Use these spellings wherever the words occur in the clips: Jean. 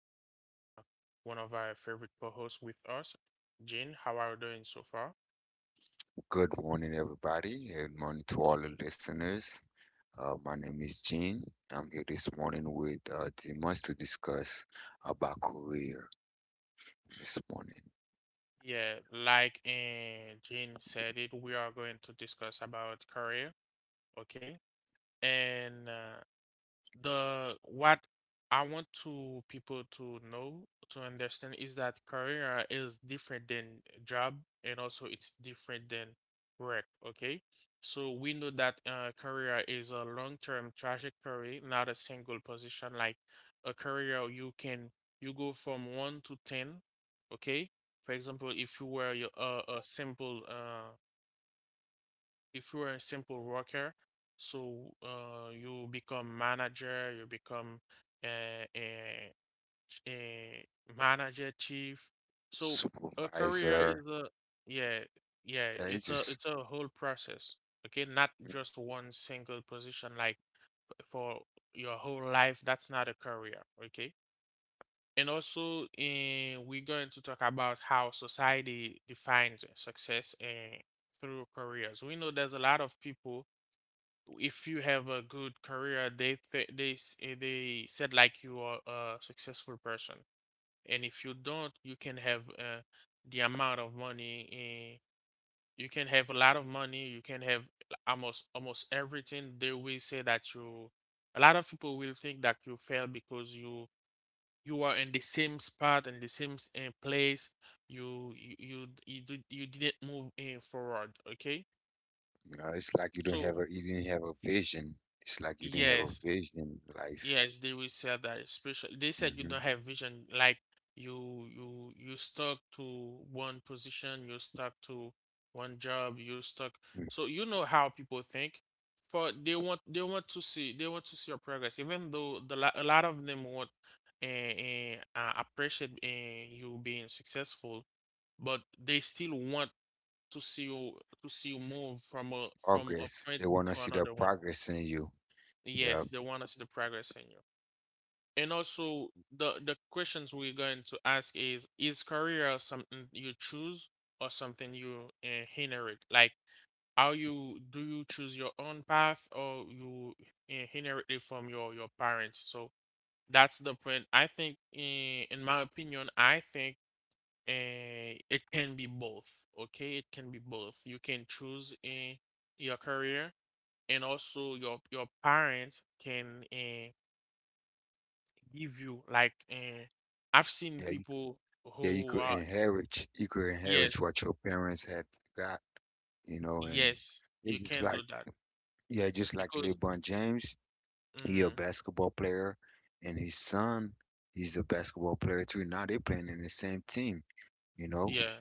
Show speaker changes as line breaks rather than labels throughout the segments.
have one of our favorite co-hosts with us, Jean. How are you doing so far?
Good morning, everybody. Good morning to all the listeners. My name is Gene. I'm here this morning with Dimas to discuss about career this morning.
Yeah, like Jean said it, we are going to discuss about career, okay? And the what I want to people to know to understand is that career is different than job, and also it's different than work, okay? So we know that career is a long-term trajectory, not a single position. Like a career, you can you go from one to ten, okay? For example, if you were your- a simple if you are a simple worker, so you become manager, you become a, a, a manager chief. So a career
Supervisor,
is a yeah, yeah,
yeah, it
it's a
just,
it's a whole process. Okay, not just one single position like for your whole life. That's not a career. Okay. And also, we're going to talk about how society defines success through careers. We know there's a lot of people, if you have a good career, they th they s- eh, they said like you are a successful person, and if you don't, you can have the amount of money. You can have a lot of money. You can have almost everything. They will say that you. A lot of people will think that you fail because you are in the same spot and the same place. You didn't move in forward. Okay,
you know, it's like you don't have
so
a, you didn't have a vision. It's like you didn't have a
yes.
vision in life.
Yes, they will say that, especially they said you
hmm
don't have vision, like you stuck to one position, you're stuck to one job, you're stuck. So you know how people think. For they want to see your progress, even though a lot of them want and appreciate you being successful, but they still want to see you to see you move from a
Progress.
point
They want to
to
see the
another one.
progress in you. Yeah,
Yes, they want to see the progress in you. And also, the questions we're going to ask is career something you choose or something you inherit? Like how you do you choose your own path, or you inherit it from your parents? So that's the point. I think, in my opinion, I think it can be both. Okay, it can be both. You can choose your career, and also your parents can give you like I've seen
yeah, you-
people
yeah. You
who
could
are — yes,
inherit what your parents had got. You know, and
yes, you
it's just
can do
like
that
yeah, just like
because
LeBron James. He a
mhm,
basketball player, and his son, he's a basketball player too. Now they playing in the same team. You know,
yeah,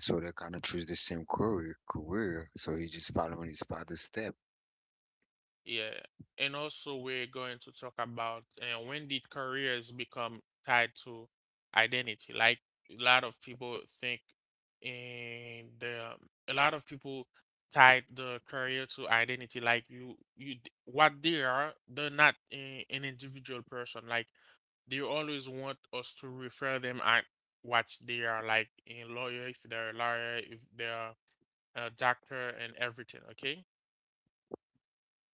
so they kind of choose the same career. Career. So he's just following his father's step.
yeah. And also we're going to talk about when did careers become tied to identity? Like a lot of people think and the um, a lot of people tied the career to identity, like what they are, they're not an individual person, like they always want us to refer them at what they are, like a lawyer, if they're a lawyer, if they're a doctor, and everything. Okay,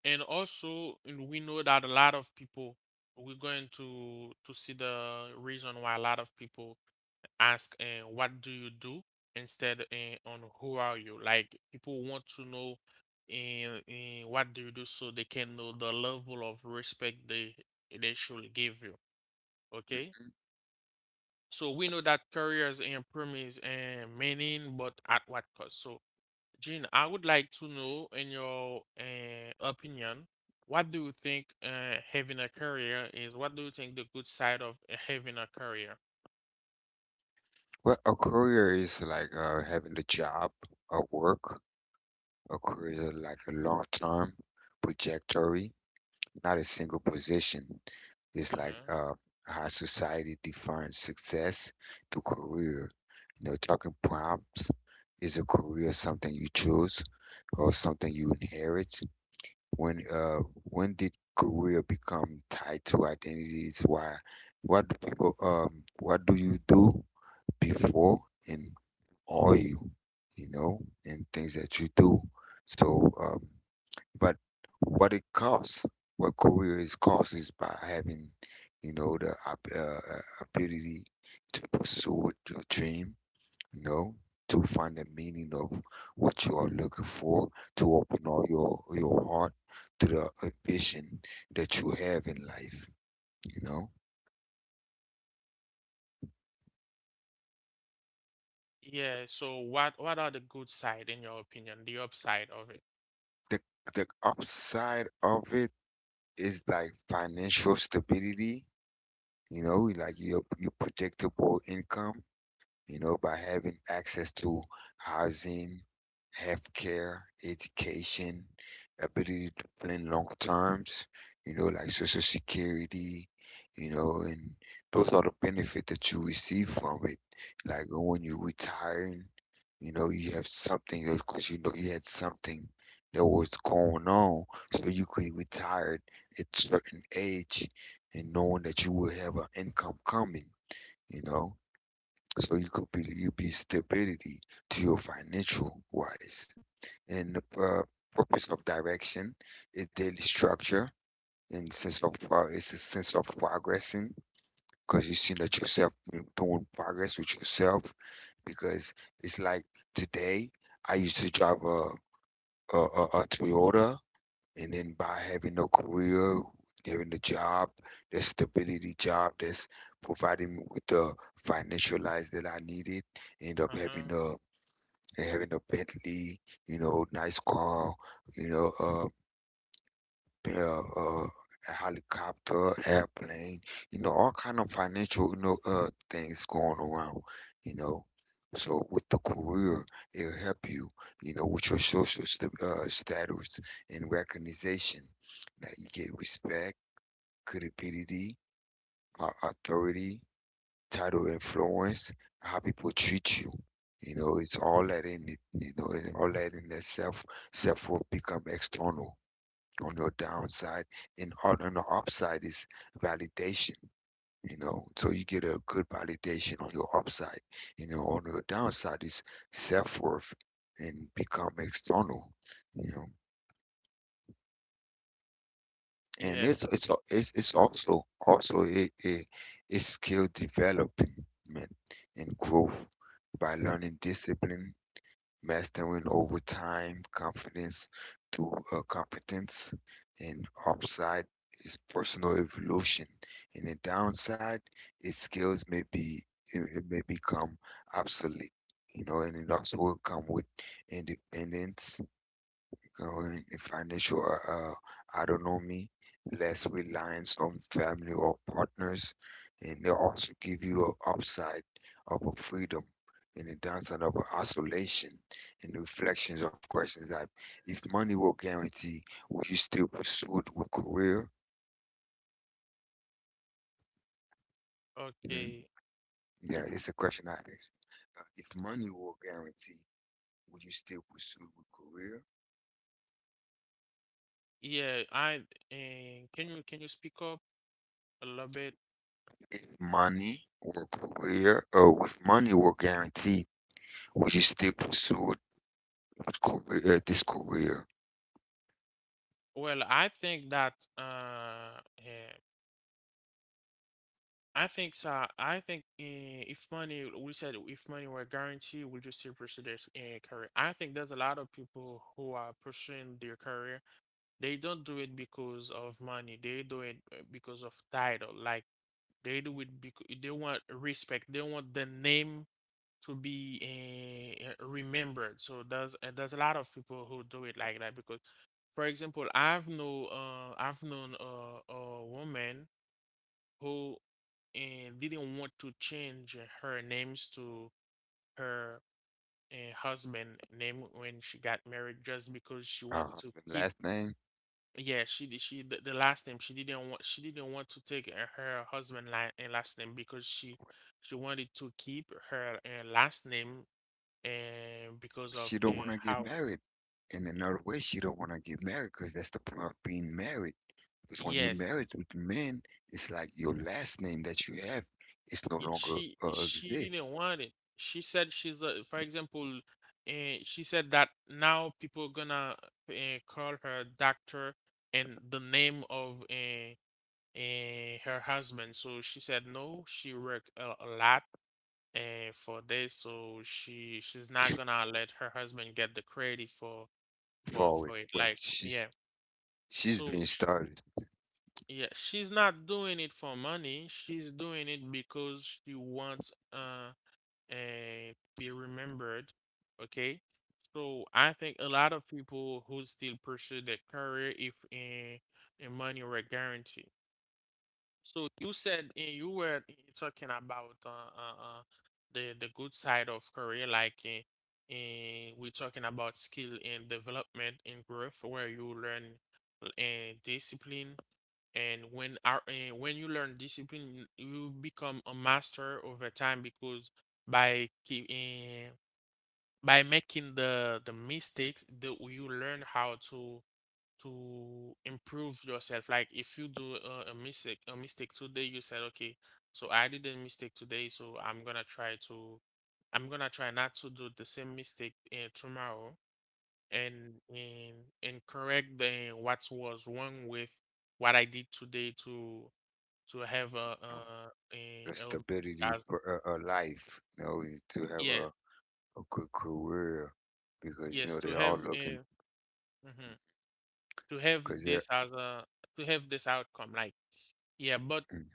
and also and we know that a lot of people we're going to see the reason why a lot of people ask, and what do you do, instead and on who are you, like people want to know, and what do you do, so they can know the level of respect they should give you. Okay.
Mhm.
So we know that careers and promise and meaning, but at what cost? So, Jean, I would like to know, in your opinion, what do you think having a career is? What do you think the good side of having a career?
Well, a career is like having the job a work. Occurs like a long term trajectory, not a single position. It's like
Uh-huh.
how society defines success through career. You know, talking prompts is a career something you choose or something you inherit. When uh, when did career become tied to identities? Why? What do people? What do you do before and are you? You know, and things that you do. So but what it costs, what career is cost is by having, you know, the ability to pursue your dream, you know, to find the meaning of what you are looking for, to open all your heart to the ambition that you have in life, you know.
Yeah. So, what are the good side in your opinion? The upside of it?
The the upside of it is like financial stability, you know, like your predictable income, you know, by having access to housing, healthcare, education, ability to plan long terms, you know, like social security, you know, and those are the benefits that you receive from it. Like when you're retiring, you know, you have something because you know you had something that was going on, so you could retire at certain age and knowing that you will have an income coming, you know. So you could be you be stability to your financial wise. And the purpose of direction is daily structure and sense of it's a sense of progressing because you see that yourself you're doing progress with yourself because it's like today I used to drive a Toyota, and then by having a career, having a job, that stability job that's providing me with the financial life that I needed, end up having
Uh-huh.
a having a Bentley, you know, nice car, you know, uh, uh, a helicopter, airplane, you know, all kind of financial, you know, things going around, you know. So with the career, it'll help you, you know, with your social st status and recognition. Now you get respect, credibility, authority, title, influence, how people treat you. You know, it's all that in it, you know, and all that in itself, self will become external on your downside, and on the upside is validation. You know, so you get a good validation on your upside. You know, on your downside is self-worth and become external, you know. And
Yeah.
it's also also a skill development and growth by learning discipline, mastering over time, confidence through competence, and upside is personal evolution. And the downside is skills may be it may become obsolete, you know, and it also will come with independence growing in financial autonomy, less reliance on family or partners, and they also give you an upside of a freedom and a downside of a isolation and reflections of questions that if money will guarantee, would you still pursue it with career? Mm,
Okay.
yeah, it's a question I ask. If money will guarantee, would you still pursue it with career?
Yeah. I Can you speak up a little bit?
If money or career, or if money were guaranteed, when she still pursued with career, this career.
Well, I think so. I think, eh, if money, we said, if money were guaranteed, would you still pursue their career? I think there's a lot of people who are pursuing their career. They don't do it because of money. They do it because of title. Like they do it because they want respect. They want the name to be remembered. So there's a lot of people who do it like that because, for example, I've known a woman who and didn't want to change her names to her husband name when she got married just because she want
Uh,
to
the
keep —
last name,
yeah, she did. The last name, she didn't want to take her last name, because she wanted to keep her last name, and because of
she don't want to get
how —
married. In another way, she don't want to get married because that's the point of being married. Because when you're
yes.
married with men, it's like your last name that you have is no
Yeah,
longer
she
exist
didn't want it. She said she's a, for example, and she said that now people gonna uh, call her doctor and the name of her husband. So she said no, she worked a lot for this, so she's not gonna let her husband get the credit
for it.
for it.
But
Like, yeah.
she's
so
being
sh
started.
Yeah, she's not doing it for money. She's doing it because she wants and be remembered. Okay. So I think a lot of people who still pursue their career, if in money were guaranteed. So you said, you were talking about uh, uh the good side of career, like we're talking about skill and development and growth, where you learn and discipline, and when our and when you learn discipline, you become a master over time, because by keep eh, by making the mistakes that you learn how to improve yourself. Like, if you do a mistake today, you said, okay, so I did a mistake today, so I'm gonna try to I'm gonna try not to do the same mistake tomorrow, and and and correct the what was wrong with what I did today to have
Um,
a,
the stability
as
of life, you know, is to have
yeah.
a good career because you
Yes,
know
to
they
have
all
a
looking
mhm, to have
because
this
they're.
as a to have this outcome, like, yeah. But
Mm-hmm.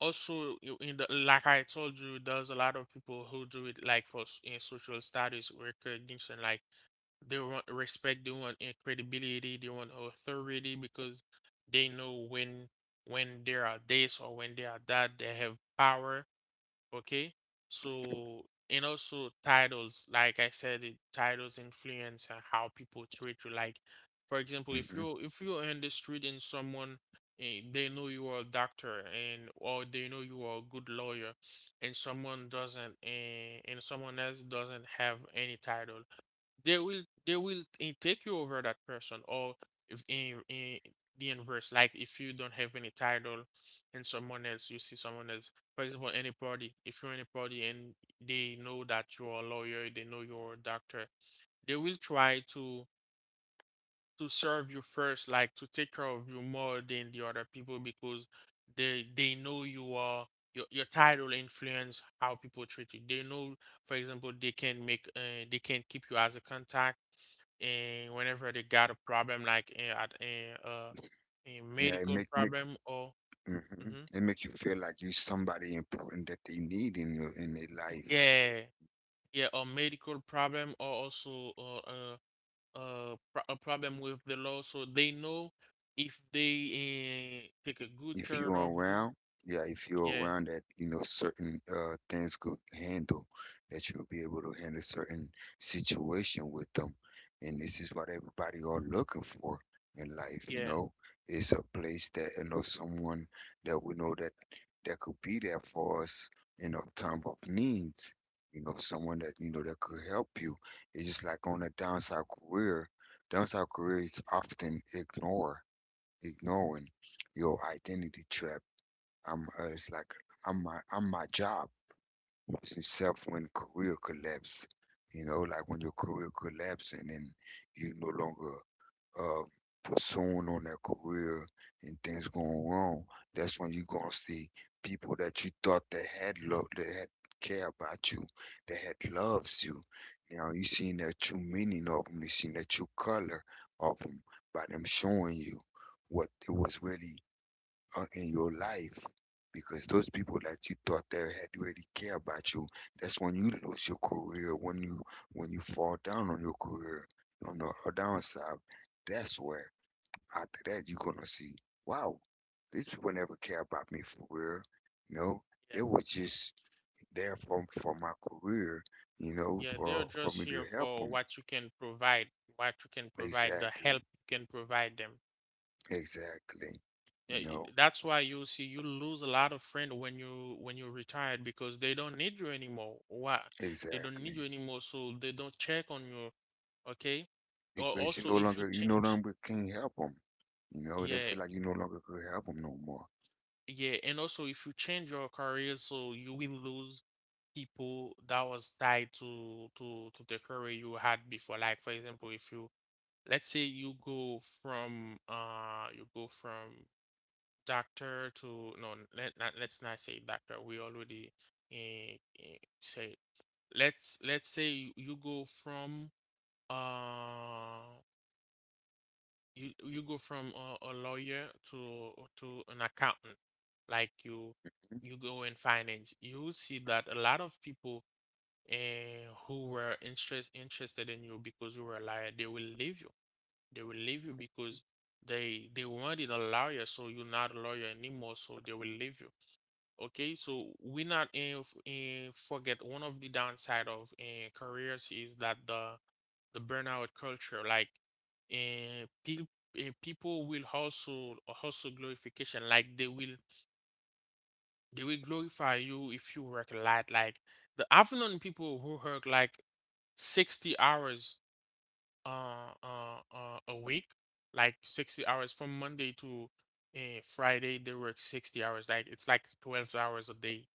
also, you- in the like I told you, there's a lot of people who do it like in social status recognition, like they want respect, they want credibility, they want authority, because they know when they are this or when they are that, they have power. Okay. So, and also titles, like I said it, titles influence how people treat you, like for example,
Mm-hmm.
if you're in the street and someone, they know you are a doctor, and or they know you are a good lawyer, and someone doesn't eh, and someone else doesn't have any title, they will take you over that person. Or if in the inverse, like if you don't have any title, and someone else you see someone else, for example, any party, if you're in a party and they know that you're a lawyer, they know you're a doctor, they will try to serve you first, like to take care of you more than the other people, because they know you are, your title influence how people treat you. They know, for example, they can keep you as a contact, and whenever they got a problem, like eh, at a
Yeah, it
medical
make
problem, or
hmm
mhm,
It makes you feel like you're somebody important that they need in your in their life.
yeah, yeah, a medical problem, or also a problem with the law, so they know if they take a good
If
care
you're
of you.
around, yeah, if you're
Yeah,
around that, you know, certain things could handle, that you'll be able to handle certain situation with them. And this is what everybody are looking for in life, you
yeah,
know. It's a place that, you know, someone that we know that that could be there for us in a time of needs. You know, someone that, you know, that could help you. It's just like on a downside career. Downside career is often ignored Ignoring your identity trap. I'm It's like I'm my job. It's itself when career collapse. You know, like when your career collapse and then you no longer uh, pursuing on that career and things going wrong. That's when you're gonna see people that you thought that had love that had care about you, that had loves you. Now you seen that true meaning of them. You seen that true color of them by them showing you what it was really in your life, because those people that you thought they had really care about you, that's when you lose your career, when you fall down on your career, on the downside. That's where after that you're gonna see, wow, these people never care about me for real. You know,
yeah,
they were just there for my career, you know,
yeah. They're
for
just
me
here
to help
for
them.
what you can provide, what you can provide, the help
Exactly,
you can provide them.
exactly,
Yeah,
you know,
that's why you see you lose a lot of friends when you retired because they don't need you anymore. Why? They don't need you
exactly.
anymore, so they don't check on you. Okay. Or
Because
also if you
you no
change,
longer can help them. You know, they
yeah.
feel like you no longer could help them no more.
Yeah, and also if you change your career, so you will lose people that was tied to the career you had before. Like, for example, if you — let's say you go from doctor to — no, let's not say doctor. We already uh, say, let's say you go from uh you go from a lawyer to an accountant, like
Hmm?
you go in finance. You will see that a lot of people who were interested in you because you were a liar, they will leave you, they will leave you because they wanted a lawyer, so you're not a lawyer anymore, so they will leave you. Okay, so we not forget, one of the downside of careers is that the burnout culture. Like, uh, pe- people will also hustle glorification. Like they will glorify you if you work a lot. Like the I People who work like 60 hours a week, like 60 hours from Monday to Friday. They work 60 hours. Like it's like 12 hours a day.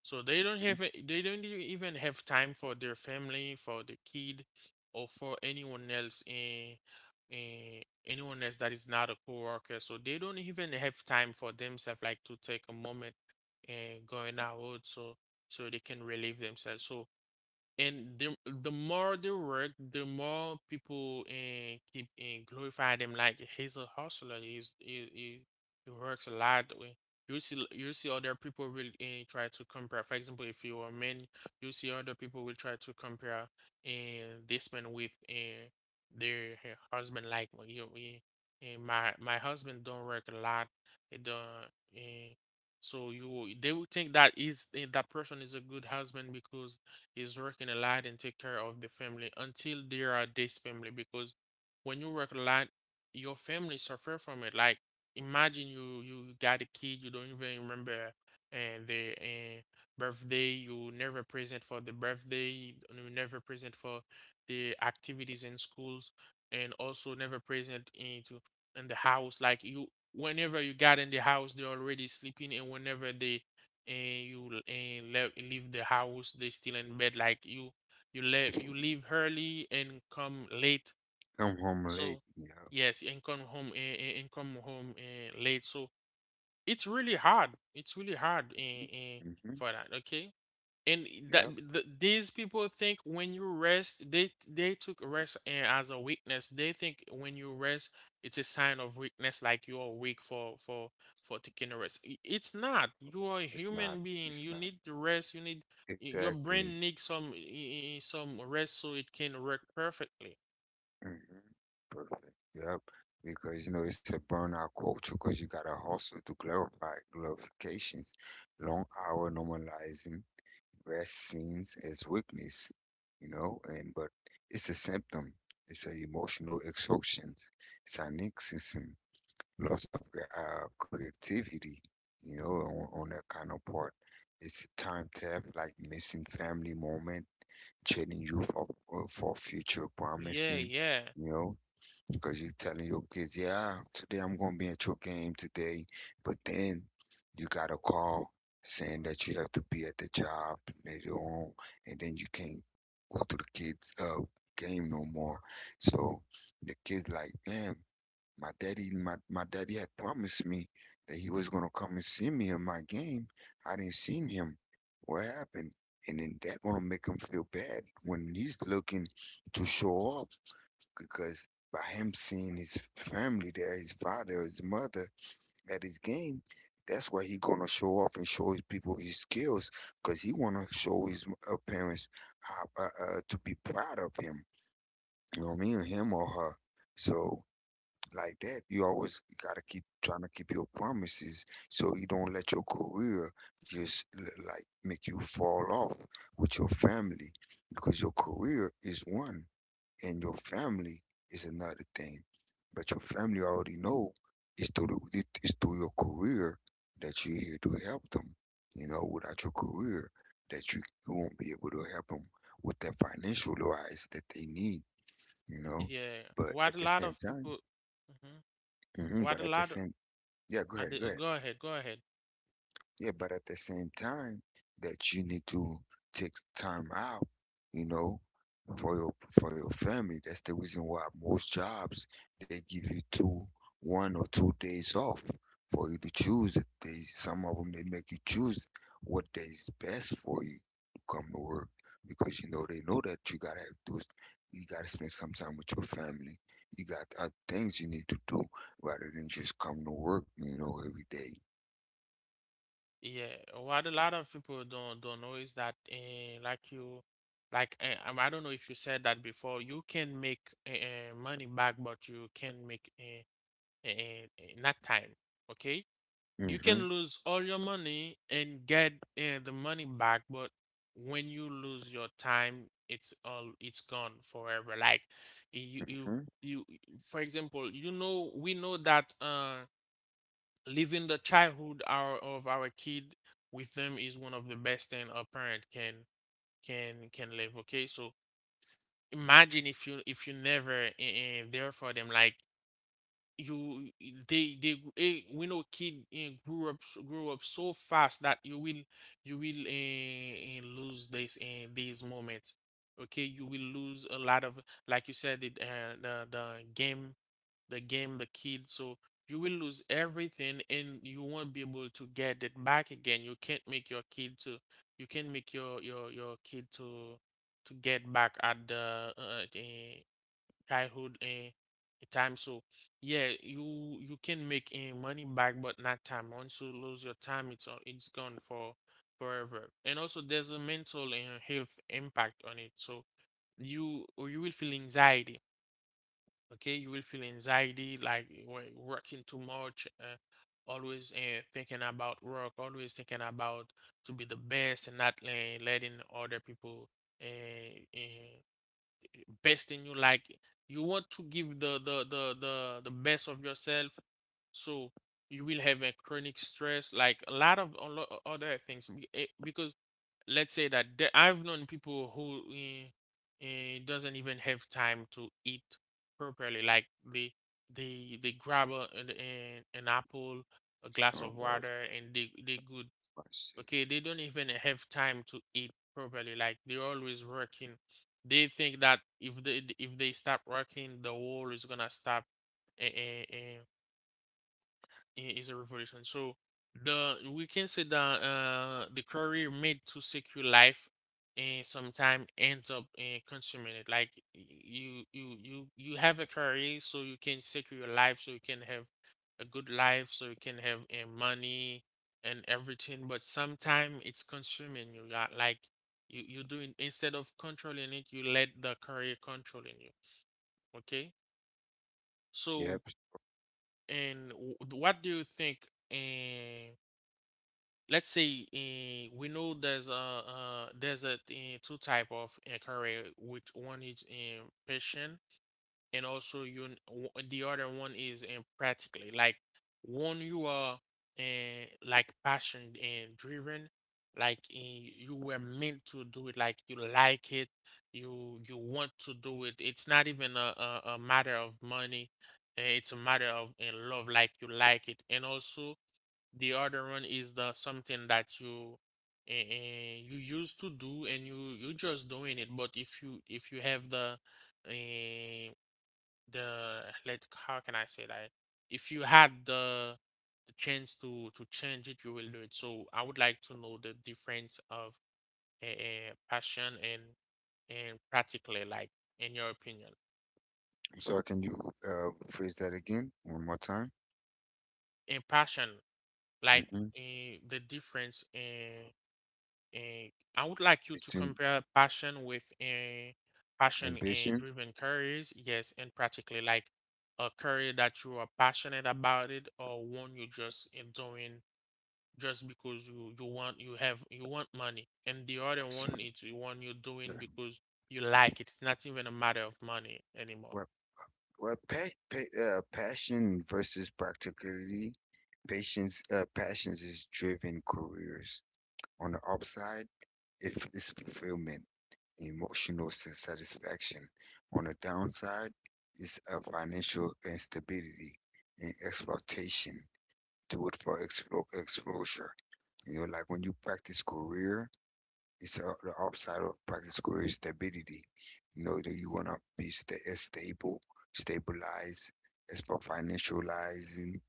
So they don't even have time for their family, for the kid, or for anyone else in anyone else that is not a coworker. So they don't even have time for themselves, like to take a moment and going out so they can relieve themselves. So and the more they work, the more people and keep and glorify them like he's a hustler. He works a lot. You see other people will try to compare. For example, if you are men, you see other people will try to compare and this man with and their husband. Like well, you and my husband don't work a lot. He don't. Eh, so you They will think that is that person is a good husband because is working a lot and take care of the family until there are this family because when you work a lot, your family suffer from it. Like imagine you got a kid, you don't even remember and the birthday, you never present for the birthday, you never present for the activities in schools, and also never present into in the house. Like you, whenever you got in the house, they're already sleeping, and whenever they and you and leave the house they still in bed like you leave early and come late
Come home
so
late, you know.
yes and come home and come home late so it's really hard
Hmm. Mm-hmm.
for that. Okay. And that
Yep,
these people think when you rest they took rest and as a weakness. They think when you rest it's a sign of weakness, like you're weak for for taking a rest. It's not. You are a
it's not,
human being,
it's
you
not
need to rest, you need your
exactly.
brain needs some rest so it can work perfectly.
Hmm. Perfect. Yep, because you know it's a burnout culture because you gotta hustle to clarify glorifications, long hour normalizing rest scenes as weakness, you know, and but it's a symptom. It's a emotional exhaustion, it's an loss of creativity, you know, on that kind of part. It's time theft, like missing family moment, trading you for future
yeah
promising,
yeah
you know, because you're telling your kids, yeah, today I'm gonna be at your game today, but then you got a call saying that you have to be at the job later on, and then you can't go to the kids' game no more. So the kids like, man, my, my daddy had promised me that he was gonna come and see me in my game. I didn't see him. What happened? And then that gonna make him feel bad when he's looking to show off because by him seeing his family there, his father, his mother at his game, that's why he gonna show off and show his people his skills because he wanna show his parents how to be proud of him. You know what I mean? Him or her. So like that, you always gotta keep trying to keep your promises so you don't let your career like make you fall off with your family because your career is one and your family is another thing. But your family already know it's through your career that you're here to help them. You know, without your career, that you won't be able to help them with that financial wise that they need. You know,
Yeah,
but
what
at
a
the
lot
same
of
time
people. Mhm.
hmm
What a
But at the
lot of,
same, yeah, go ahead, go ahead.
go ahead, go ahead.
Yeah, but at the same time, that you need to take time out, you know, for your for your family. That's the reason why most jobs they give you two, 1 or 2 days off for you to choose. It. They some of them they make you choose what day is best for you to come to work because you know they know that you gotta have those. You gotta spend some time with your family. You got other things you need to do rather than just come to work, you know, every day.
Yeah, what a lot of people don't know is that like you like I don't know if you said that before, you can make money back, but you can make not time, okay? You
Mm-hmm.
can lose all your money and get the money back, but when you lose your time, it's gone forever. Like you you
Mm-hmm.
you for example, you know we know that living the childhood of our kid with them is one of the best thing a parent can can live. Okay, so imagine if you never there for them. Like you we know kid grew up so fast that you will lose these moments. Okay, you will lose a lot of like you said it, the game, the game, the kid. So you will lose everything and you won't be able to get it back again. You can't make your kid to get back at the childhood time. So yeah, you can make money back, but not time. Once you lose your time, it's gone for forever. And also, there's a mental and health impact on it. So you will feel anxiety. Okay, you will feel anxiety like working too much, always thinking about work, always thinking about to be the best and not letting other people uh, uh, best in you. Like you want to give the best of yourself, so you will have a chronic stress like a lot of a lot other things because let's say that I've known people who doesn't even have time to eat properly. Like they grab a, an apple, a glass
So
of
that's
water, and they good.
my
Okay, they don't even have time to eat properly. Like they're always working. They think that if they stop working, the world is gonna stop. Uh, is a revolution. So the we can say that the career made to secure life and sometime ends up consuming it. Like you have a career so you can secure your life, so you can have a good life, so you can have money and everything. But sometime it's consuming you. Yeah, Like you doing instead of controlling it, you let the career controlling you. Okay,
Yep.
so and what do you think? Uh, let's say we know there's a two type of career. Which one is in passion, and also the other one is in practically. Like one you are like passion and driven, like you were meant to do it, like you like it, you want to do it, it's not even a matter of money, it's a matter of love, like you like it. And also the other one is the something that you you used to do and you just doing it. But if you have the uh, let how can I say that? If you had the chance to change it, you will do it. So I would like to know the difference of passion and practically, like in your opinion,
So can you phrase that again one more time?
and passion, like
Mm-hmm.
the difference. And I would like you to
It's
compare passion with a passion and
ambition.
driven careers. Yes, and practically like a career that you are passionate about it, or one you just in doing just because you want money, and the other
So
one is the one you're
uh,
doing because you like it. It's not even a matter of money anymore.
what passion versus practicality. Patience passions is driven careers. On the upside, is fulfillment, satisfaction. On the downside, is financial instability and exploitation. Do it for exposure. You know, like when you practice career, it's the upside of practice career is stability. You know, that you want to be stable, stabilized as for financializing,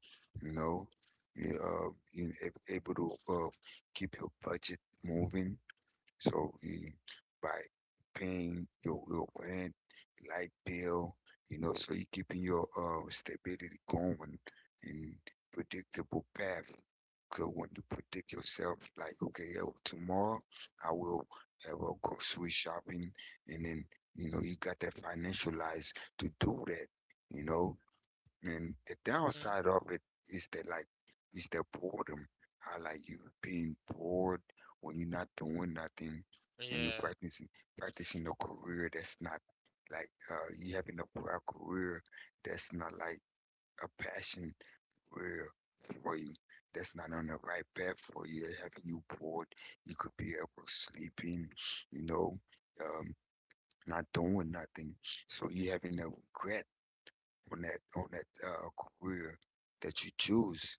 you know, you able to keep your budget moving so mm, by paying your rent, light bill, you know, so you're keeping your stability going and predictable path. Because when you predict yourself, like, okay, yeah, well, tomorrow I will have a grocery shopping, and then you know you got that financial lies to do that, you know. And the
Hmm.
downside of it is that like is the boredom. How like you being bored when you're not doing nothing, when you're
Yeah,
practicing a career that's not like you having a career that's not like a passion career for you. That's not on the right path for you. That's having you bored. You could be up or sleeping, you know, um, not doing nothing. So you having a regret on that career that you choose,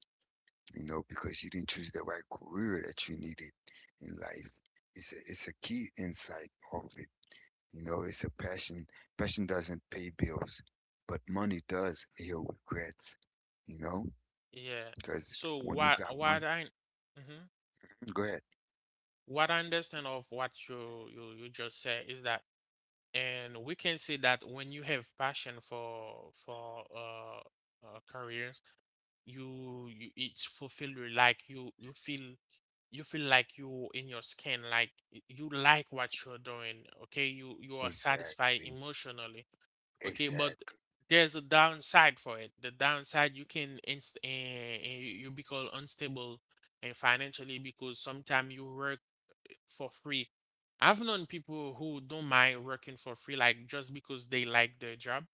you know, because you didn't choose the right career that you needed in life. It's a key insight of it. You know, it's a passion. Passion doesn't pay bills, but money does heal regrets. You know,
yeah.
because
So
when you got money,
what I mhm.
go ahead.
What I understand of what you just said is that and we can say that when you have passion for careers, you it's fulfilled. You like you feel you feel like you in your skin, like you like what you're doing. Okay, you are satisfied
Exactly.
emotionally. Okay, but
Exactly.
there's a downside for it. The downside, you become unstable and financially, because sometimes you work for free. I've known people who don't mind working for free, like just because they like their job.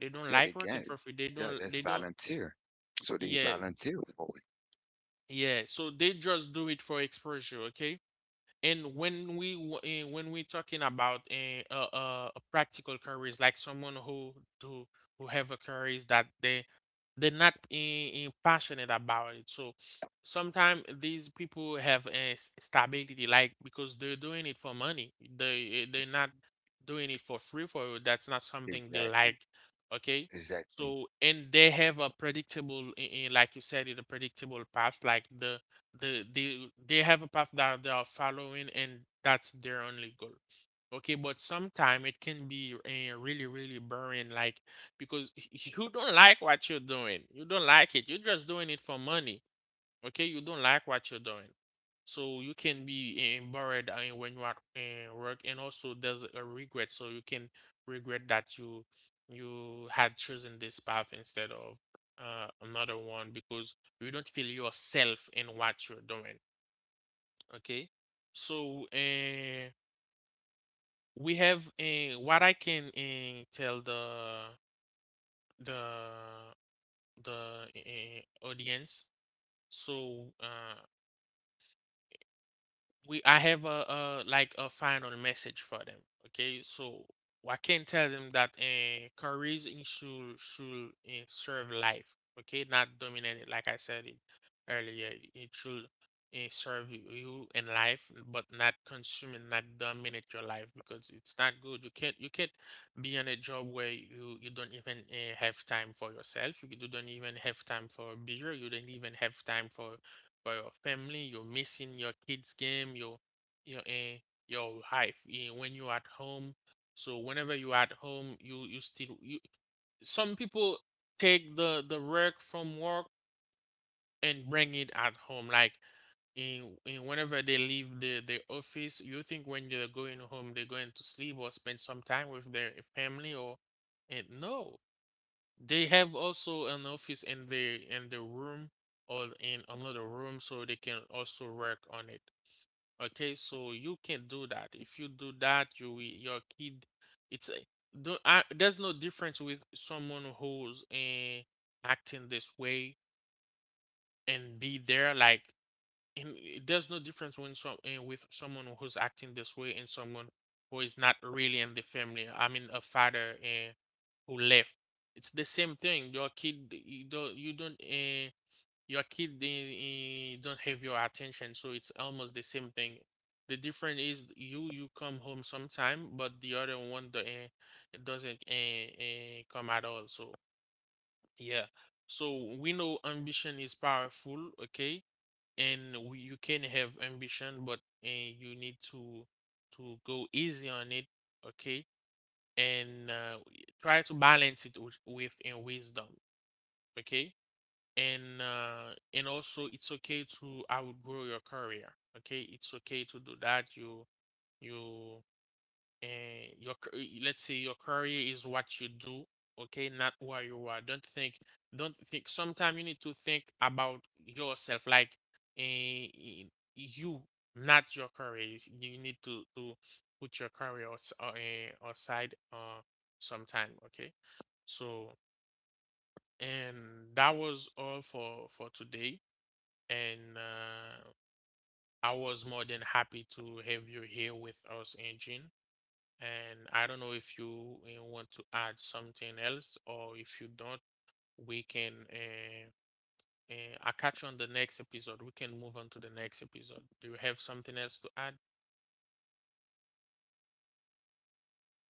They don't
Yeah, they
like working
can.
for free.
Yeah, that's
They don't,
volunteer. So they
yeah,
volunteer for
yeah. So they just do it for exposure, okay? And when when we talking about a practical careers, like someone who do who have a careers that they they're not passionate about it, so sometimes these people have a stability, like because they're doing it for money. They're not doing it for free for you. That's not
it.
something they
Exactly.
like. Okay,
Exactly.
so and they have a predictable, like you said, it a predictable path, like the they they have a path that they are following and that's their only goal. Okay, but sometime it can be really really boring, like because you don't like what you're doing, you don't like it, you're just doing it for money. Okay, you don't like what you're doing, so you can be buried when you are in work. And also there's a regret, so you can regret that you had chosen this path instead of another one because you don't feel yourself in what you're doing. Okay, so we have what I can tell the the audience. So we I have a like a final message for them. Okay, so I can tell them that careers in should serve life. Okay, not dominate it. Like I said it earlier, it should serve you in life, but not consume and not dominate your life because it's not good. You can't be on a job where you don't even have time for yourself. You don't even have time for beer. You don't even have time for your family, you're missing your kids' game, your eh, your life when you're at home. So whenever you're at home, you still you some people take the work from work and bring it at home like in whenever they leave the office. You think when they're going home they're going to sleep or spend some time with their family? Or and no, they have also an office in the room or in another room so they can also work on it. Okay, so you can do that. If you do that, your kid, it's a, I, there's no difference with someone who's acting this way and be there like and there's no difference when with someone who's acting this way and someone who is not really in the family. I mean, a father who left. It's the same thing. Your kid, your kid they, don't have your attention, so it's almost the same thing. The difference is you you come home sometime, but the other one the, doesn't come at all. So yeah, so we know ambition is powerful, okay, and we, you can have ambition, but you need to go easy on it, okay, and try to balance it with in wisdom. Okay. And also it's okay to outgrow your career. Okay, it's okay to do that. You And your let's say your career is what you do. Okay, not where you are. Don't think sometimes you need to think about yourself, like eh, eh, you, not your career. You you need to put your career aside sometime, okay? So and that was all for today, and I was more than happy to have you here with us, Eugene. And I don't know if you, want to add something else, or if you don't, we can I catch you on the next episode. We can move on to the next episode. Do you have something else to add?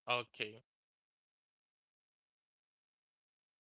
Okay.